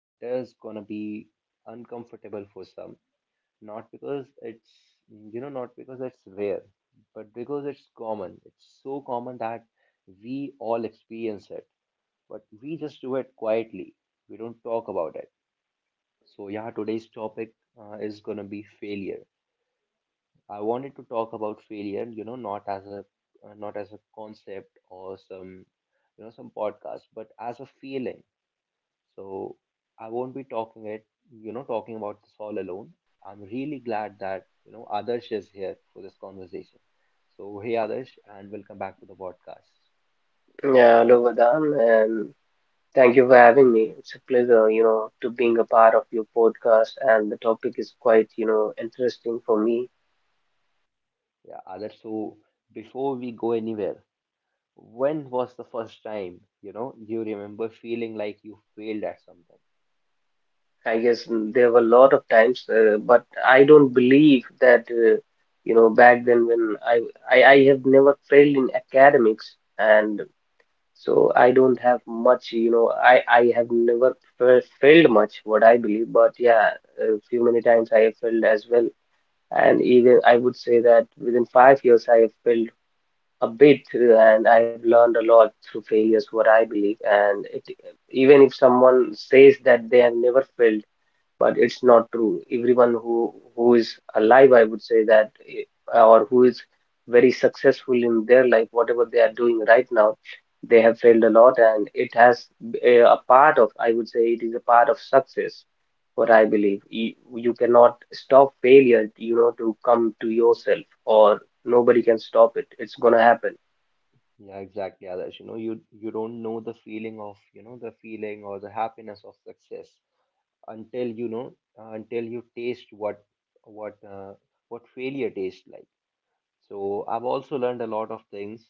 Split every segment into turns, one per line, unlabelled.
it is gonna be uncomfortable for some, not because it's not because it's rare, but because it's common. It's so common that we all experience it, but we just do it quietly. We don't talk about it. So yeah, today's topic is gonna be failure. I wanted to talk about failure, not as a not as a concept or some some podcast, but as a feeling. So I won't be talking it, you know, talking about this all alone. I'm really glad that Adarsh is here for this conversation. So hey Adarsh, and welcome back to the podcast.
Yeah, hello, Vedant, and thank you for having me. It's a pleasure, to being a part of your podcast, and the topic is quite, interesting for me.
Yeah, Adarsh. So before we go anywhere, when was the first time you remember feeling like you failed at something?
I guess there were a lot of times, but I don't believe that, you know, back then when I, I have never failed in academics, and so I don't have much, you know, I have never failed much, what I believe. But yeah, a few many times I have failed as well. And even I would say that within 5 years, I have built a bit and I've learned a lot through failures, what I believe. And it, even if someone says that they have never failed, but it's not true. Everyone who is alive, I would say that, or who is very successful in their life, whatever they are doing right now, they have failed a lot, and it has a part of, I would say, it is a part of success. What I believe, you cannot stop failure, you know, to come to yourself, or nobody can stop it. It's gonna happen.
Yeah, exactly, Adarsh. You know, you don't know the feeling of, the feeling or the happiness of success until you know, until you taste what uh, what failure tastes like. So I've also learned a lot of things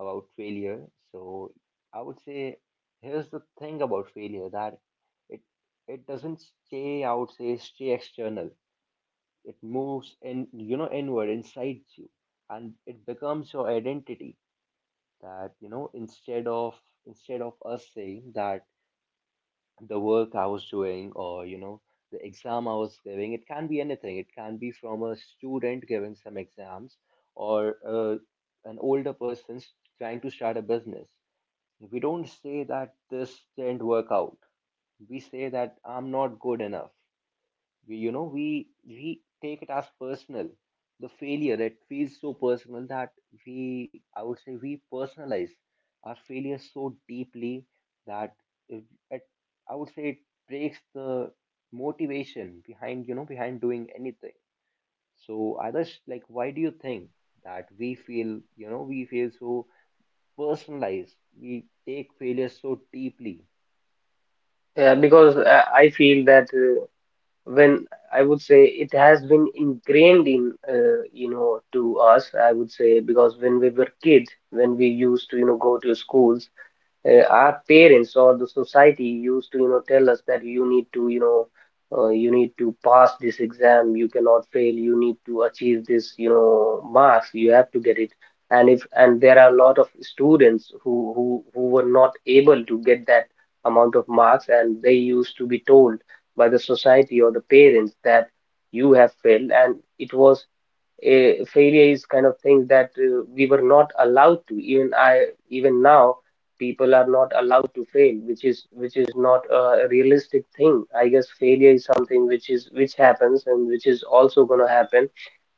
about failure. So I would say here's the thing about failure that it it doesn't stay, I would say, stay external. It moves in, inward, inside you, and it becomes your identity that instead of us saying that the work I was doing or the exam I was giving, it can be anything. It can be from a student giving some exams or an older trying to start a business. We don't say that this didn't work out. We say that I'm not good enough. We, we take it as personal. The failure it feels so personal that we I would say we personalize our failure so deeply that it, it I would say it breaks the motivation behind behind doing anything. So others, like, why do you think that we feel, we feel so personalized, we take failure so deeply?
Yeah, because I feel that. When I would say it has been ingrained in, you know, to us, I would say, because when we were kids, when we used to, you know, go to schools, our parents or the society used to, you know, tell us that you need to, you know, you need to pass this exam, you cannot fail, you need to achieve this, you know, marks you have to get it. And if and there are a lot of students who who were not able to get that amount of marks, and they used to be told by the society or the parents that you have failed. And it was, failure is kind of thing that, we were not allowed to. Even I even now people are not allowed to fail, which is not a realistic thing. I guess failure is something which is, which happens and which is also going to happen.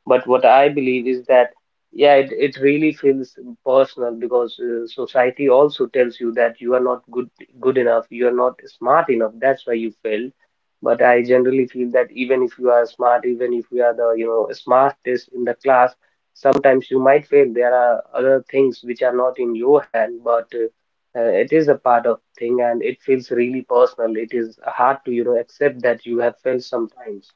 But what I believe is that, yeah, it really feels personal, because society also tells you that you are not good enough, you are not smart enough. That's why you failed. But I generally feel that even if you are smart, even if you are the, you know, smartest in the class, sometimes you might fail. There are other things which are not in your hand, but it is a part of thing and it feels really personal. It is hard to, you know, accept that you have failed sometimes.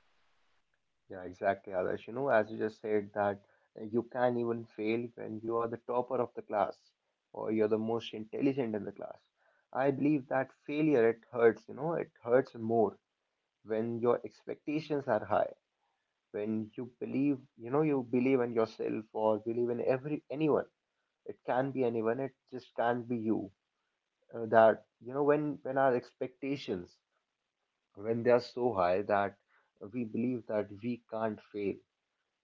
Yeah, exactly, Adarsh. You know, as you just said, that you can even fail when you are the topper of the class or you're the most intelligent in the class. I believe that failure, it hurts, you know, it hurts more when your expectations are high, when you believe, you believe in yourself or believe in every anyone. It can be anyone, it just can't be you. That, you know, when our expectations, when they are so high that we believe that we can't fail,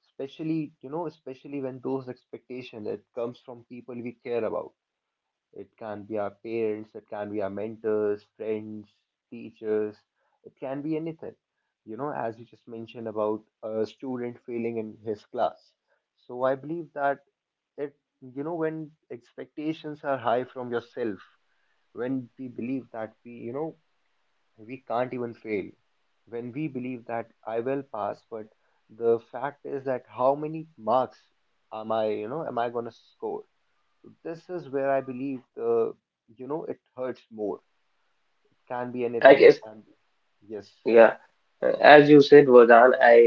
especially you know especially when those expectations it comes from people we care about. It can be our parents, it can be our mentors, friends, teachers, it can be anything. You know, as you just mentioned about a student failing in his class, so I believe that it you know when expectations are high from yourself, when we believe that we you know we can't even fail, when we believe that I will pass, but the fact is that how many marks am I, am I going to score? This is where I believe the, it hurts more. It can be
I
anything. It
guess.
can be. Yes.
Yeah, as you said, Vardhan, I,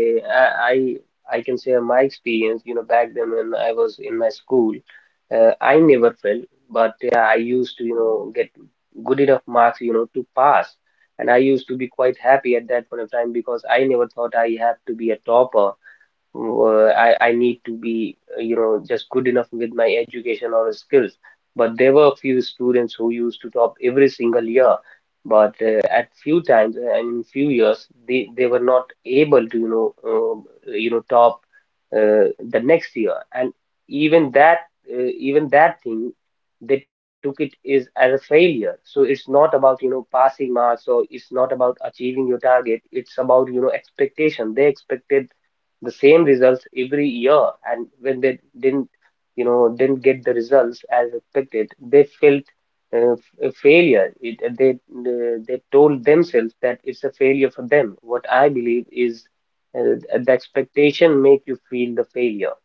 I, I I can share my experience. You know, back then when I was in my school, I never fell, but yeah, I used to, you know, get good enough marks, you know, to pass, and I used to be quite happy at that point of time because I never thought I have to be a topper. I need to be, you know, just good enough with my education or skills. But there were a few students who used to top every single year. But at few times and in few years, they were not able to, you know, top the next year. And even that, uh, even that thing, they took it is as a failure. So it's not about, you know, passing marks or it's not about achieving your target. It's about, you know, expectation. They expected the same results every year, and when they didn't, you know, didn't get the results as expected, they felt uh, a failure. It, they They told themselves that it's a failure for them. What I believe is, uh, the expectation make you feel the failure.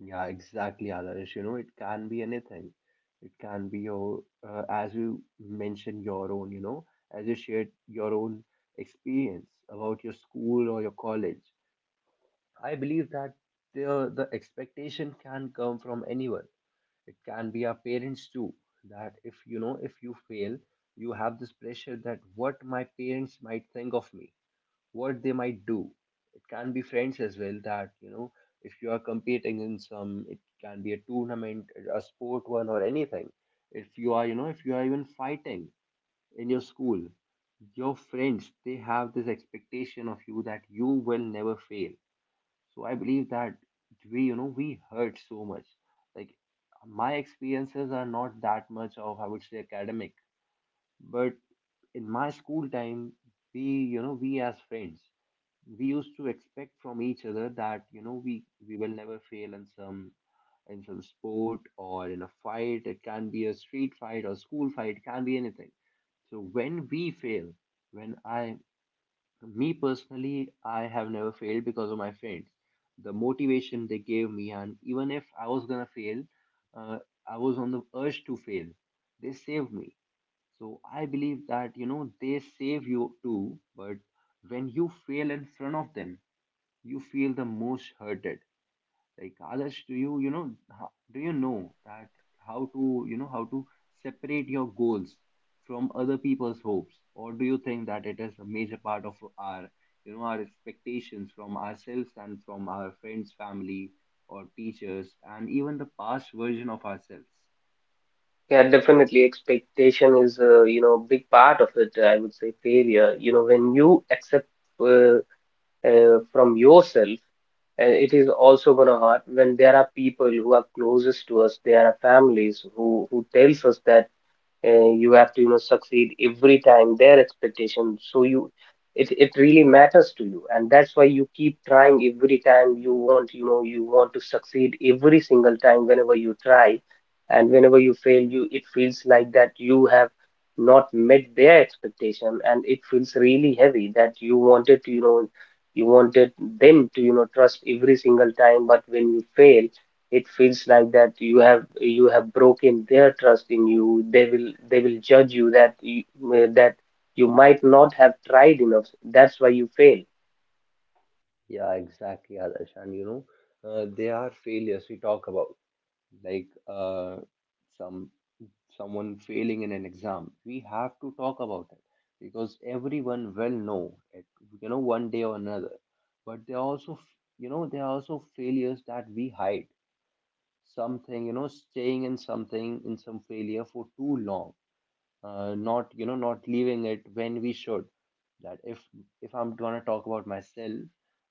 Yeah, exactly, Adarsh. You know, it can be anything. It can be your, as you mentioned, your own, as you shared your own experience about your school or your college. I believe that the expectation can come from anyone. It can be our parents too. That if you know, if you fail, you have this pressure that what my parents might think of me, what they might do. It can be friends as well. That you know, if you are competing in some, it can be a tournament, a sport one, or anything. If you are, if you are even fighting in your school, your friends they have this expectation of you that you will never fail. So I believe that we you know we hurt so much, like, my experiences are not that much of, I would say, academic, but in my school time we you know we as friends, we used to expect from each other that you know we will never fail in some, in some sport or in a fight, it can be a street fight or school fight, it can be anything. So when we fail, when I me personally, I have never failed because of my friends. The motivation they gave me, and even if I was gonna fail, uh, I was on the urge to fail. They saved me. So I believe that you know they save you too. But when you fail in front of them, you feel the most hurted. Like, others, do you know that how to, how to separate your goals from other people's hopes? Or do you think that it is a major part of our you know our expectations from ourselves and from our friends, family, or teachers, and even the past version of ourselves?
Yeah, definitely expectation is, you know, big part of it, I would say. Failure, you know, when you accept, uh, from yourself. And it is also gonna hurt when there are people who are closest to us, there are families who tells us that, you have to, you know, succeed every time their expectations. So you, it really matters to you, and that's why you keep trying every time. You want, you know, you want to succeed every single time whenever you try, and whenever you fail you, it feels like that you have not met their expectation, and it feels really heavy that you wanted to, you know, you wanted them to, you know, trust every single time. But when you fail, it feels like that you have, you have broken their trust in you. They will, they will judge you that that you might not have tried enough, that's why you fail.
Yeah, exactly, Adarsh. And you know, there are failures we talk about, like, some, someone failing in an exam, we have to talk about it because everyone will know it, you know, one day or another. But there are also, there are also failures that we hide, something, you know, staying in something, in some failure for too long, not, not leaving it when we should. That if I'm going to talk about myself,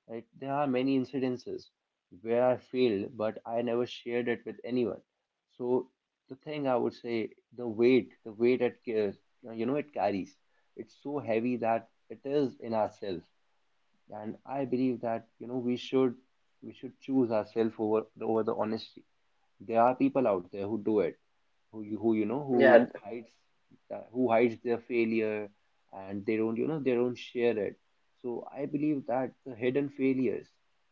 right, there are many incidences where I failed but I never shared it with anyone. So the thing I would say, the weight it carries, you know, it carries, it's so heavy that it is in ourselves. And I believe that you know we should, we should choose ourselves over over the honesty. There are people out there who do it, who you know who
Yeah.
hides, who hides their failure, and they don't, they don't share it. So I believe that the hidden failures,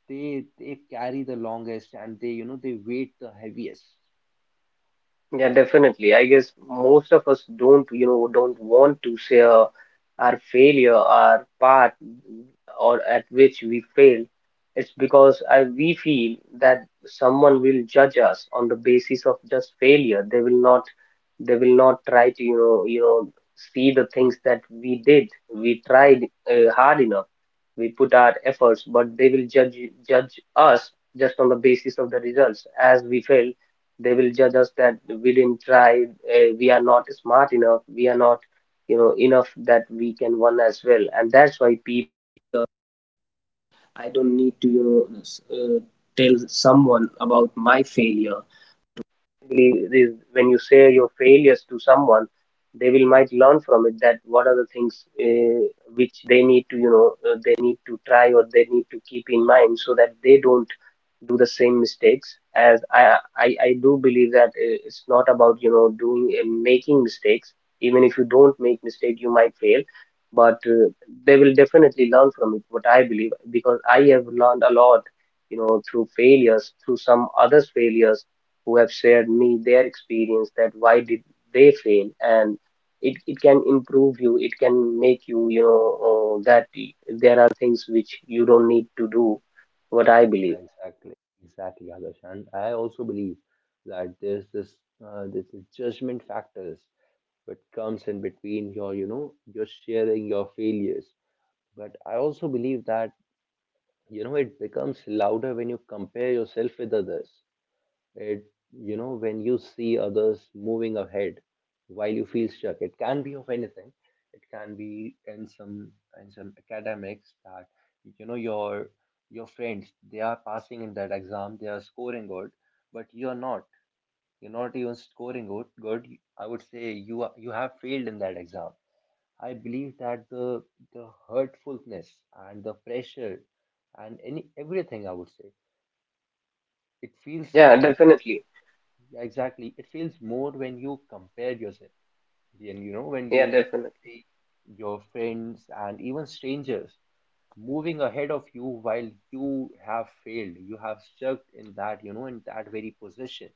they carry the longest and they, they weight the heaviest.
Yeah, definitely. I guess most of us don't, you know, don't want to share our failure, our part, or at which we failed. It's because we feel that someone will judge us on the basis of just failure. They will not try to, see the things that we did. We tried hard enough. We put our efforts, but they will judge us just on the basis of the results. As we failed, they will judge us that we didn't try, we are not smart enough, we are not, you know, enough that we can win as well. And that's, to someone, they will might learn from it, that what are the things, uh, which they need to, they need to try or they need to keep in mind, so that they don't do the same mistakes as I do believe that it's not about, you know, doing and making mistakes. Even if you don't make mistake, you might fail. But they will definitely learn from it, what I believe, because I have learned a lot, you know, through failures, through some others failures who have shared me their experience, that why did they fail. And it can improve you, it can make you, you know, uh, that y- there are things which you don't need to do, what I
Yeah,
believe.
exactly, exactly Adarsh. And I also believe that there's this, this is judgment factors that comes in between your sharing your failures. But I also believe that you know it becomes louder when you compare yourself with others. It, you know, when you see others moving ahead while you feel stuck, it can be of anything. It can be in some, in some academics that you know your friends they are passing in that exam, they are scoring good, but you are not. You're not even scoring good. Good, I would say you are, you have failed in that exam. I believe that the hurtfulness and the pressure and any everything I would say it feels.
Yeah, definitely.
Yeah, exactly. It feels more when you compare yourself, and you know, when
Yeah,
you
definitely.
see your friends and even strangers moving ahead of you while you have failed, you have stuck in that, you know, in that very position.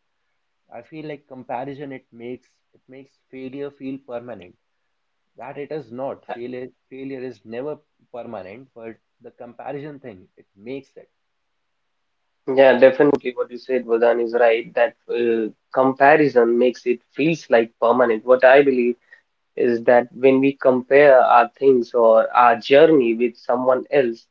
I feel like comparison, it makes, it makes failure feel permanent. That it is not. Failure is never permanent, but the comparison thing, it makes it.
Yeah, definitely. What you said, Vadan, is right. That comparison makes it feels like permanent. What I believe is that when we compare our things or our journey with someone else,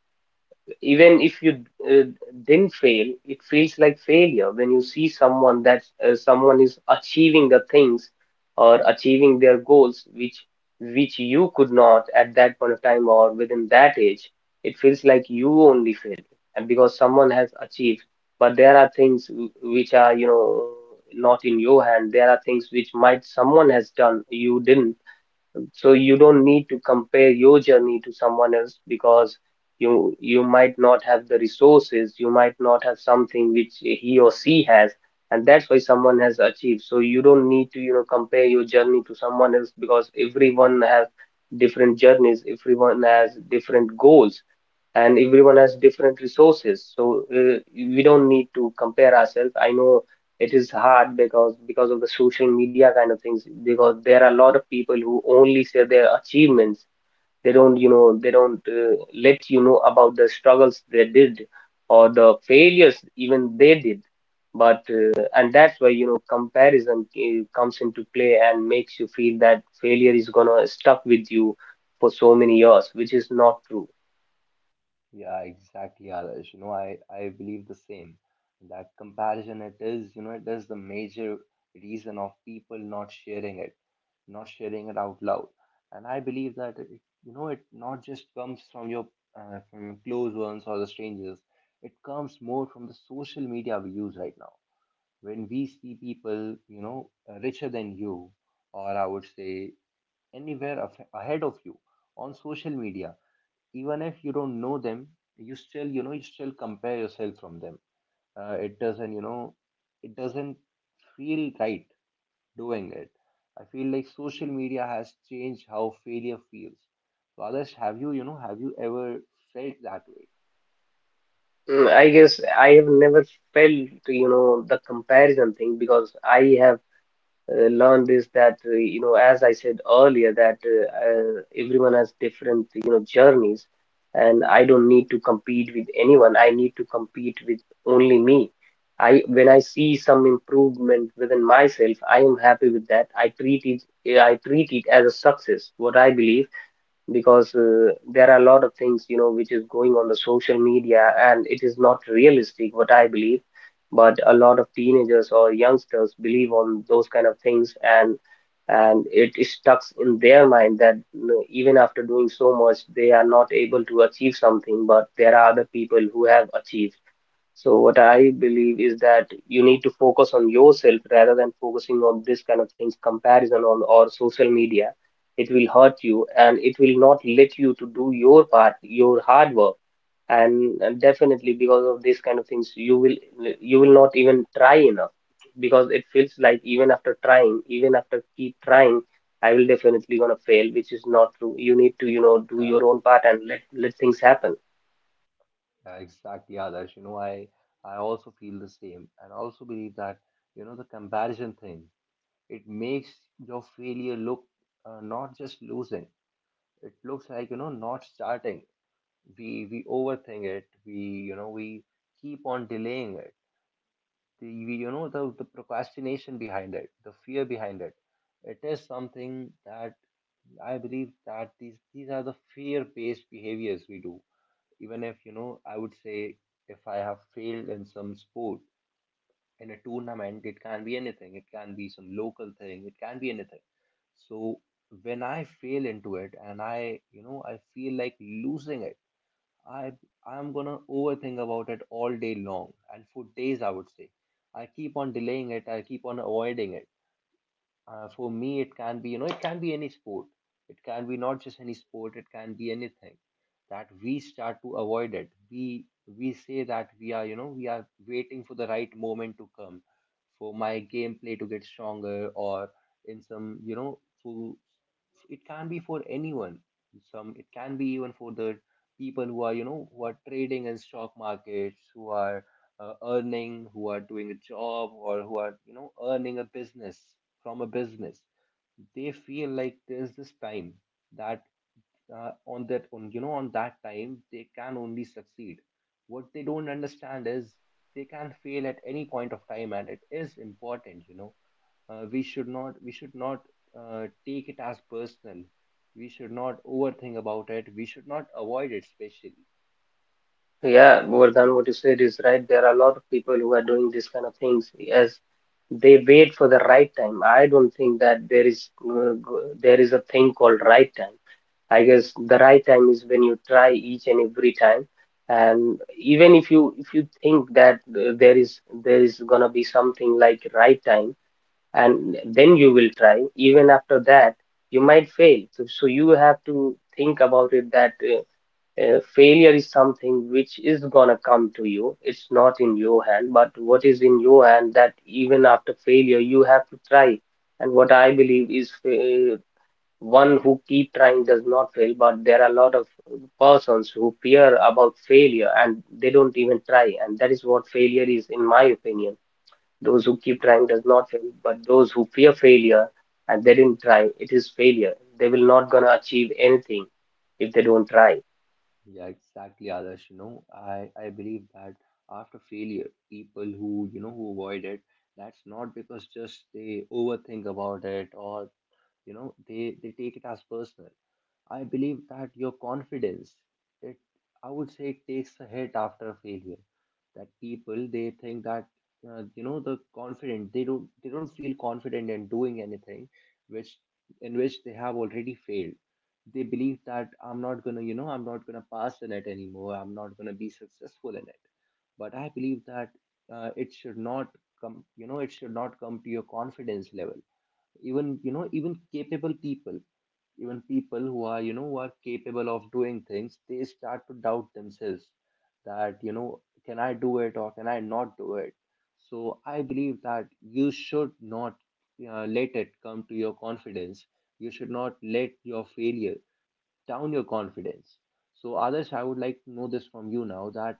even if you, didn't fail, it feels like failure when you see someone that, someone is achieving the things or achieving their goals which you could not at that point of time or within that age. It feels like you only failed, and because someone has achieved. But there are things which are, you know, not in your hand. There are things which might someone has done, you didn't. So you don't need to compare your journey to someone else, because you might not have the resources, you might not have something which he or she has, and that's why someone has achieved. So you don't need to, you know, compare your journey to someone else, because everyone has different journeys, everyone has different goals, and everyone has different resources. So we don't need to compare ourselves. I know it is hard, because of the social media kind of things, because there are a lot of people who only share their achievements. They don't, you know, they don't, let you know about the struggles they did or the failures even they did. But and that's why, you know, comparison, comes into play and makes you feel that failure is gonna stuck with you for so many years, which is not true.
Yeah, exactly, Adarsh. You know, I believe the same. That comparison, it is, you know, it is the major reason of people not sharing it, not sharing it out loud. And I believe that, it, you know, it not just comes from your, from your close ones or the strangers. It comes more from the social media we use right now. When we see people, richer than you, or I would say anywhere ahead of you on social media, even if you don't know them, you still compare yourself from them. uh, it doesn't you know it doesn't feel right doing it. I feel like social media has changed how failure feels. So, others, have you ever felt that way?
Mm, I guess I have never felt, you know, the comparison thing, because I have, learned this that, you know, as I said earlier, that everyone has different, you know, journeys, and I don't need to compete with anyone. I need to compete with only me. I, when I see some improvement within myself, I am happy with that. I treat it as a success, what I believe, because there are a lot of things, you know, which is going on the social media, and it is not realistic, what I believe. But a lot of teenagers or youngsters believe on those kind of things, and it is stuck in their mind, that you know, even after doing so much they are not able to achieve something, but there are other people who have achieved. So what I believe is that you need to focus on yourself rather than focusing on this kind of things, comparison on or social media. It will hurt you and it will not let you to do your part, your hard work. And definitely, because of this kind of things, you will not even try enough, because it feels like even after trying, even after keep trying, I will definitely gonna fail, which is not true. You need to, do
Yeah,
your own part and let things happen.
exactly, others. I also feel the same, and I also believe that, the comparison thing, it makes your failure look, not just losing. It looks like, not starting. We overthink it. We you know we keep on delaying it. The, we, you know the, the procrastination behind it, the fear behind it, it is something that I believe that these are the fear based behaviors we do. Even if, I would say, if I have failed in some sport, in a tournament, it can be anything, it can be some local thing, it can be anything. So when I fail into it, and I you know I feel like losing it, I I'm gonna overthink about it all day long, and for days, I would say. I keep on delaying it, I keep on avoiding it. For me it can be, it can be any sport. It can be not just any sport, it can be anything, that we start to avoid it. We say that we are, we are waiting for the right moment to come, for my gameplay to get stronger, or in some, for, it can be for anyone. Some, it can be even for the people who are, who are trading in stock markets, who are earning, who are doing a job, or who are, you know, earning a business, from a business. They feel like there's this time that, on that on you know on that time they can only succeed. What they don't understand is they can fail at any point of time, and it is important. We should not, take it as personal. We should not overthink about it, we should not avoid it, especially.
Yeah, Vardhan, what you said is right. There are a lot of people who are doing these kind of things as they wait for the right time. I don't think that there is there is a thing called right time. I guess the right time is when you try each and every time, and even if you think that there is gonna be something like right time, and then you will try. Even after that, you might fail. So you have to think about it that failure is something which is gonna come to you. It's not in your hand, but what is in your hand that even after failure you have to try. And what I believe is, one who keep trying does not fail, but there are a lot of persons who fear about failure and they don't even try. And that is what failure is, in my opinion. Those who keep trying does not fail, but those who fear failure and they didn't try, it is failure. They will not gonna achieve anything if they don't try.
Yeah, exactly, Adarsh. I believe that after failure, people who, who avoid it, that's not because just they overthink about it, or, they take it as personal. I believe that your confidence, it I would say, it takes a hit after a failure. That people, they think that, the confident, they don't feel confident in doing anything which, in which they have already failed. They believe that I'm not gonna pass in it anymore. I'm not gonna be successful in it. But I believe that, it should not come you know it should not come to your confidence level. Even you know even capable people, even people who are, who are capable of doing things, they start to doubt themselves, that, can I do it, or can I not do it? So I believe that you should not, let it come to your confidence. You should not let your failure down your confidence. So, others, I would like to know this from you now: that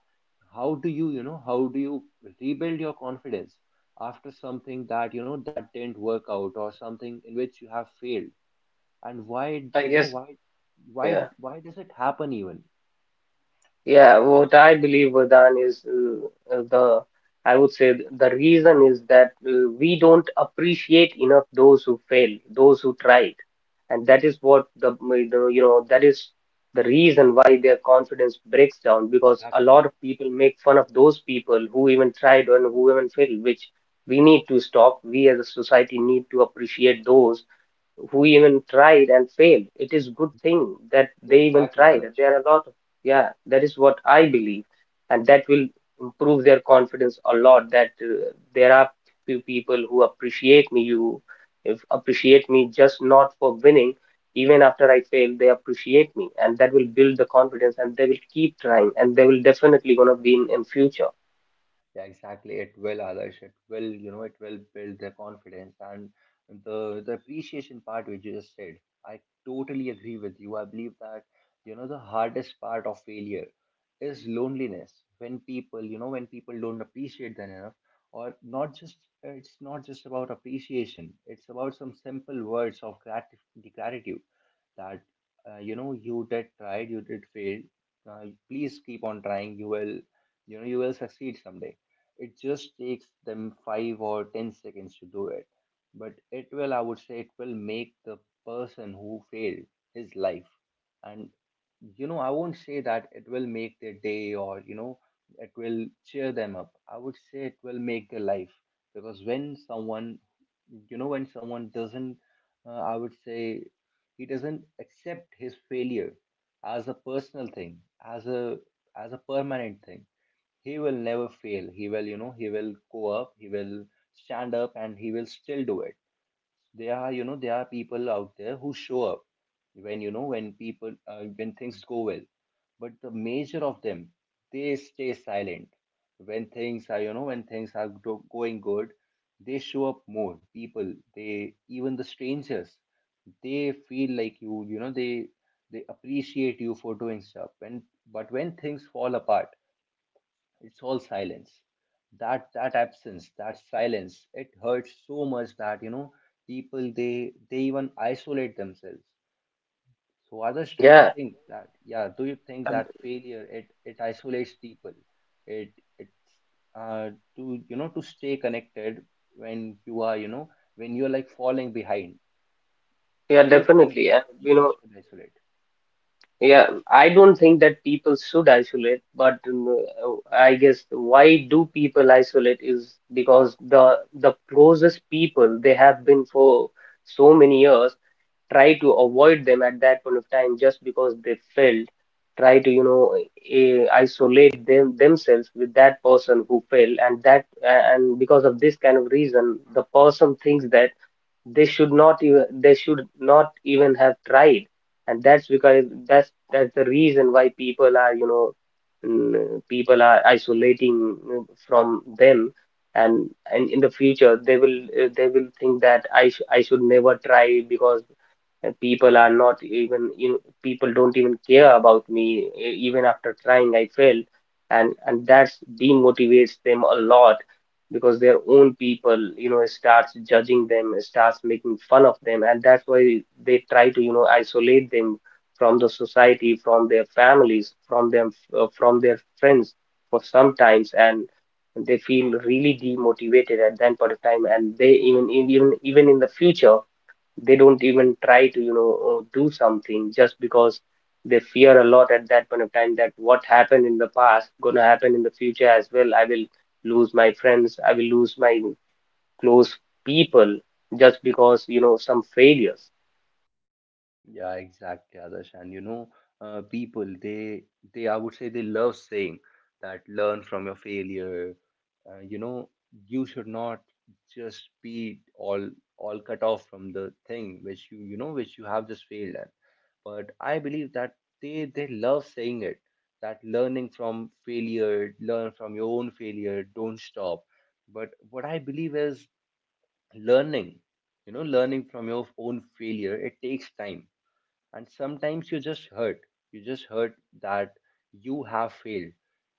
how do you rebuild your confidence after something that, that didn't work out, or something in which you have failed, and why?
I guess.
Why, why
Yeah,
why does it happen even?
yeah. What I believe, Vardhan, is the, I would say, the reason is that we don't appreciate enough those who fail, those who tried, and that is what the that is the reason why their confidence breaks down, because a
Exactly.
lot of people make fun of those people who even tried and who even failed, which we need to stop. We as a society need to appreciate those who even tried and failed. It is good thing that
Yeah,
they even
exactly,
tried.
Adarsh.
There are a lot of. Yeah, that is what I believe, and that will improve their confidence a lot. That there are few people who appreciate me. You, if appreciate me just not for winning. Even after I fail, they appreciate me, and that will build the confidence, and they will keep trying, and they will definitely gonna win in future.
Yeah, exactly. It will, Adarsh. It will, it will build their confidence, and the appreciation part, which you just said. I totally agree with you. I believe that, the hardest part of failure is loneliness. When people, when people don't appreciate them enough, or not just, it's not just about appreciation. It's about some simple words of the gratitude, that, you did tried, you did fail. Please keep on trying. You will, you will succeed someday. It just takes them 5 or 10 seconds to do it. But it will, I would say, it will make the person who failed his life. And, I won't say that it will make their day, or, it will cheer them up. I would say it will make their life. Because when someone, when someone doesn't, I would say, he doesn't accept his failure as a personal thing, as a permanent thing. He will never fail. He will, he will go up, he will stand up, and he will still do it. There are, there are people out there who show up when, when people, when things go well, but the major of them, they stay silent when things are, when things are going good. They show up more. People, they even the strangers, they feel like they appreciate you for doing stuff. And but when things fall apart, it's all silence. That absence, that silence, it hurts so much that, people, they even isolate themselves. So, others, do you
Yeah,
think that, yeah, do you think
and-
that failure, it isolates people? It's, uh to, to stay connected when you are, when you're like falling behind.
yeah,
Do you think
definitely.
that
And you
people
know,
should isolate?
yeah, I don't think that people should isolate, but I guess why do people isolate is because the closest people they have been for so many years try to avoid them at that point of time just because they failed. Try to, isolate them themselves with that person who failed, and that, and because of this kind of reason, the person thinks that they should not even have tried. And that's because that's the reason why people are people are isolating, from them. And in the future they will think that I should never try, because and people are not even, people don't even care about me, even after trying I failed. And that demotivates them a lot, because their own people, starts judging them, starts making fun of them, and that's why they try to, isolate them from the society, from their families, from them, from their friends, for sometimes. And they feel really demotivated at that point of time, and they even in the future they don't even try to, do something, just because they fear a lot at that point of time that what happened in the past gonna happen in the future as well. I will lose my friends, I will lose my close people, just because, some failures.
Yeah, exactly, Adarsh. And, people, they I would say, they love saying that learn from your failure. Uh, you know, you should not just be all cut off from the thing which which you have just failed at. But I believe that they love saying it, that learning from failure, learn from your own failure, don't stop. But what I believe is learning, learning from your own failure, it takes time. And sometimes you just hurt, you just hurt that you have failed.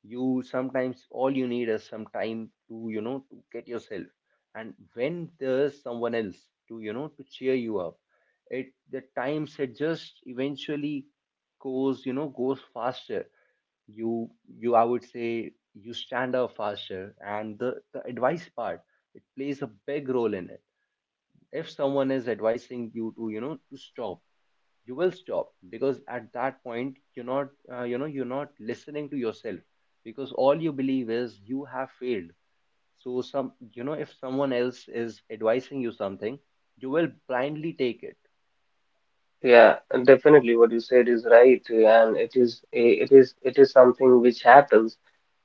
You sometimes, all you need is some time to, to get yourself. And when there's someone else to, to cheer you up, it the times, it just eventually goes, goes faster. You you I would say, you stand up faster. And the advice part, it plays a big role in it. If someone is advising you to, to stop, you will stop, because at that point you're not, you're not listening to yourself, because all you believe is you have failed. So, some you know if someone else is advising you something, you will blindly take it.
Yeah, definitely what you said is right, and it is it is something which happens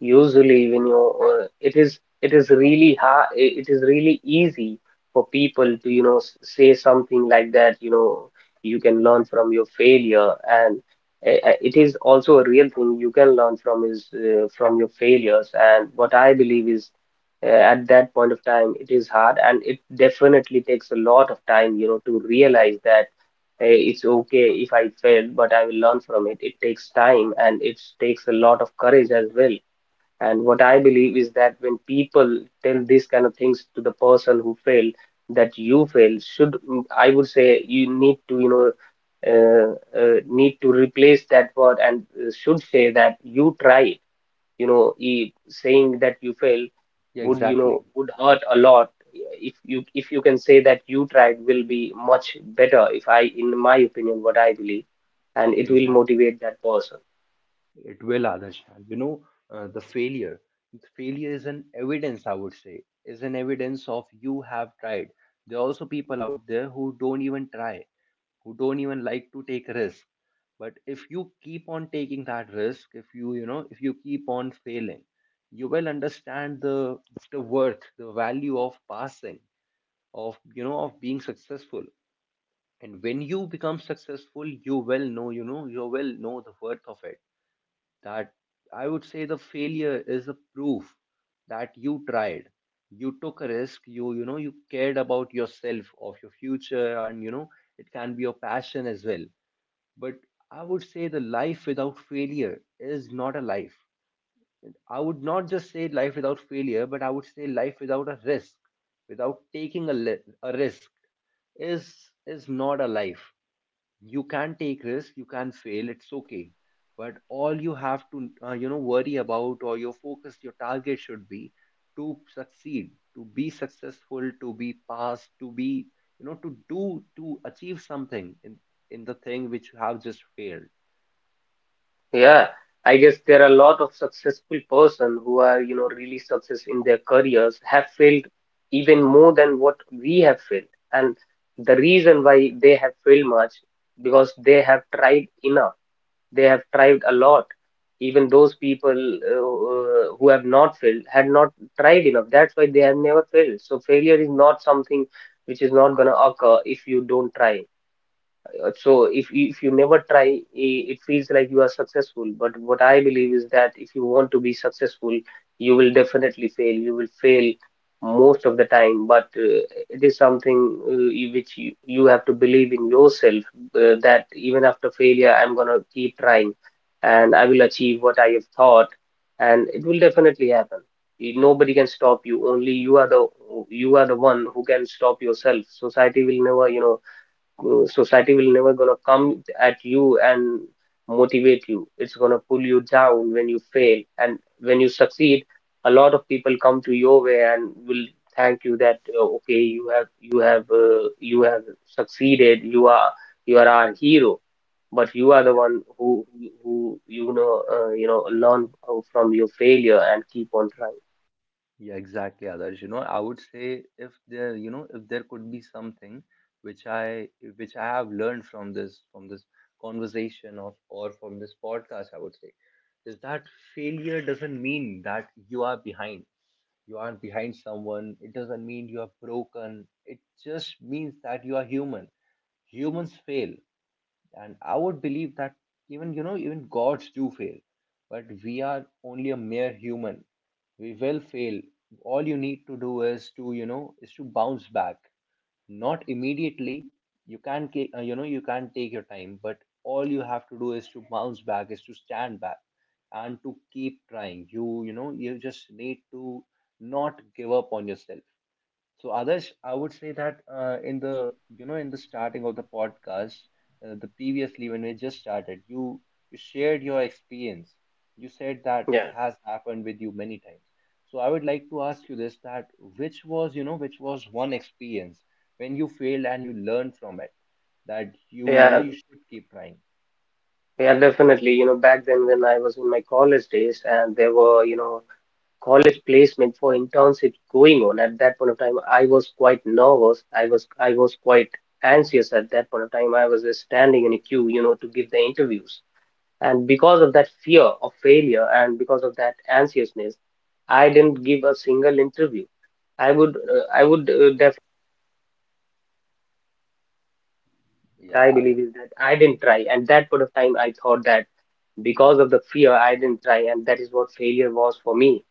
usually when you it is really hard, it is really easy for people to, say something like that, you can learn from your failure. And it is also a real thing you can learn from, is from your failures. And what I believe is, at that point of time, it is hard and it definitely takes a lot of time, to realize that, it's okay if I fail, but I will learn from it. It takes time and it takes a lot of courage as well. And what I believe is that when people tell these kind of things to the person who failed, that you failed, should, I would say, you need to, need to replace that word, and should say that you tried. You know e saying that you failed
Yeah,
would,
exactly.
would hurt a lot. If you if you can say that you tried, will be much better, if I in my opinion what I believe, and it will
Exactly.
motivate that person.
It will, others. you know the failure, the failure is an evidence, I would say, is an evidence of you have tried. There are also people out there who don't even try, who don't even like to take risk. But if you keep on taking that risk, if you, you know if you keep on failing, you will understand the worth, the value of passing, of, of being successful. And when you become successful, you will know the worth of it. That, I would say, the failure is a proof that you tried, you took a risk, you cared about yourself, of your future, and, it can be your passion as well. But I would say, the life without failure is not a life. I would not just say life without failure, but I would say life without a risk, without taking a risk, is not a life. You can take risk, you can fail, it's okay. But all you have to, worry about, or your focus, your target should be to succeed, to be successful, to be passed, to be, to do, to achieve something in the thing which you have just failed.
Yeah, I guess there are a lot of successful person who are, really success in their careers, have failed even more than what we have failed. And the reason why they have failed much, because they have tried enough, they have tried a lot. Even those people, who have not failed had not tried enough, that's why they have never failed. So failure is not something which is not going to occur if you don't try. So if if you never try, it feels like you are successful. But what I believe is that if you want to be successful, you will definitely fail. You will fail most of the time. But it is something, which you have to believe in yourself, that even after failure, I'm gonna keep trying, and I will achieve what I have thought, and it will definitely happen. Nobody can stop you. Only you are the one who can stop yourself. Society will never, society will never gonna come at you and motivate you. It's gonna pull you down when you fail, and when you succeed a lot of people come to your way and will thank you that okay, you have you have succeeded, you are our hero. But you are the one who learn, from your failure and keep on trying.
Yeah, exactly, Adarsh. I would say, if there, if there could be something which I which I have learned from this conversation, of, or from this podcast, I would say, is that failure doesn't mean that you are behind. You aren't behind someone. It doesn't mean you are broken. It just means that you are human. Humans fail. And I would believe that, even gods do fail, but we are only a mere human. We will fail. All you need to do is to, is to bounce back. Not immediately. You can take your time, but all you have to do is to bounce back, is to stand back, and to keep trying. You just need to not give up on yourself. So, Adarsh, I would say that, in the starting of the podcast, the previously when we just started, you shared your experience. You said that it
Yeah,
has happened with you many times. So I would like to ask you this: that which was one experience when you failed and you learned from it, that you you know
yeah,
you should keep trying.
yeah, definitely. Back then when I was in my college days, and there were, college placement for internship going on at that point of time. I was quite nervous, I was quite anxious at that point of time. I was just standing in a queue, to give the interviews, and because of that fear of failure and because of that anxiousness, I didn't give a single interview. I would, definitely, I
Yeah.
believe is that I didn't try at that point of time. I thought that because of the fear I didn't try, and that is what failure was for me.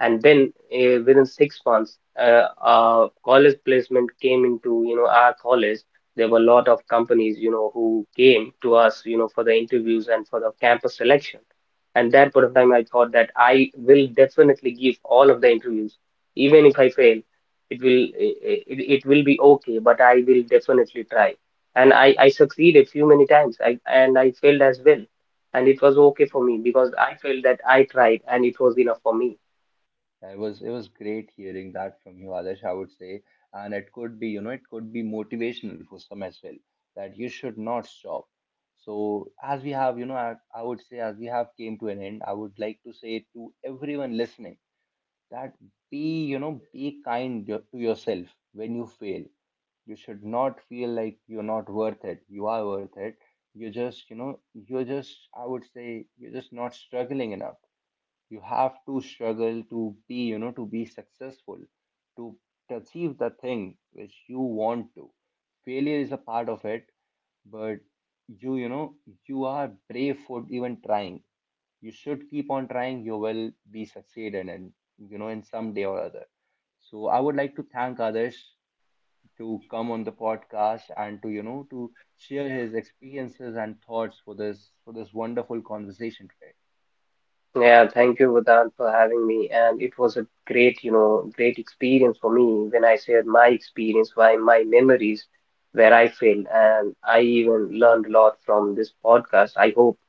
And then, within 6 months, college placement came into, our college. There were a lot of companies, who came to us, for the interviews and for the campus selection. And that point of time I thought that I will definitely give all of the interviews. Even if I fail, it will it will be okay, but I will definitely try. And I succeeded few many times, and I failed as well. And it was okay for me because I felt that I tried and it was enough for me.
Yeah, it was great hearing that from you, Adesh, I would say. And it could be, it could be motivational for some as well, that you should not stop. So as we have, I would say, as we have came to an end, I would like to say to everyone listening that be, be kind, to yourself when you fail. You should not feel like you're not worth it. You are worth it. You're just, you're just, I would say, you're just not struggling enough. You have to struggle to be, to be successful, to to achieve the thing which you want to. Failure is a part of it, but you you know you are brave for even trying. You should keep on trying, you will be succeeded, and, in some day or other. So I would like to thank others to come on the podcast, and to, to share his experiences and thoughts for this wonderful conversation today.
Yeah, thank you, Vedant, for having me. And it was a great, great experience for me when I shared my experience, my memories where I failed. And I even learned a lot from this podcast. I hope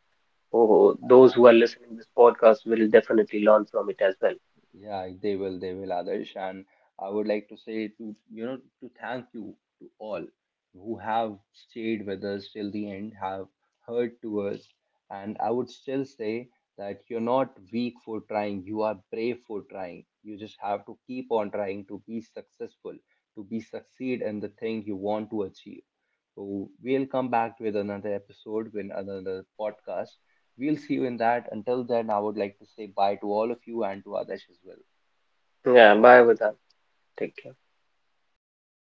oh, those who
And
are listening to this podcast will definitely learn from it as well.
yeah, they will, Adarsh. And I would like to say, to thank you, to all who have stayed with us till the end, have heard to us, and I would still say that you're not weak for trying, you are brave for trying. You just have to keep on trying, to be successful, to be succeed in the thing you want to achieve. So we'll come back with another episode, with another podcast. We'll see you in that. Until then, I would like to say bye to all of you, and to others as well.
Yeah, bye, Vedant. Take care.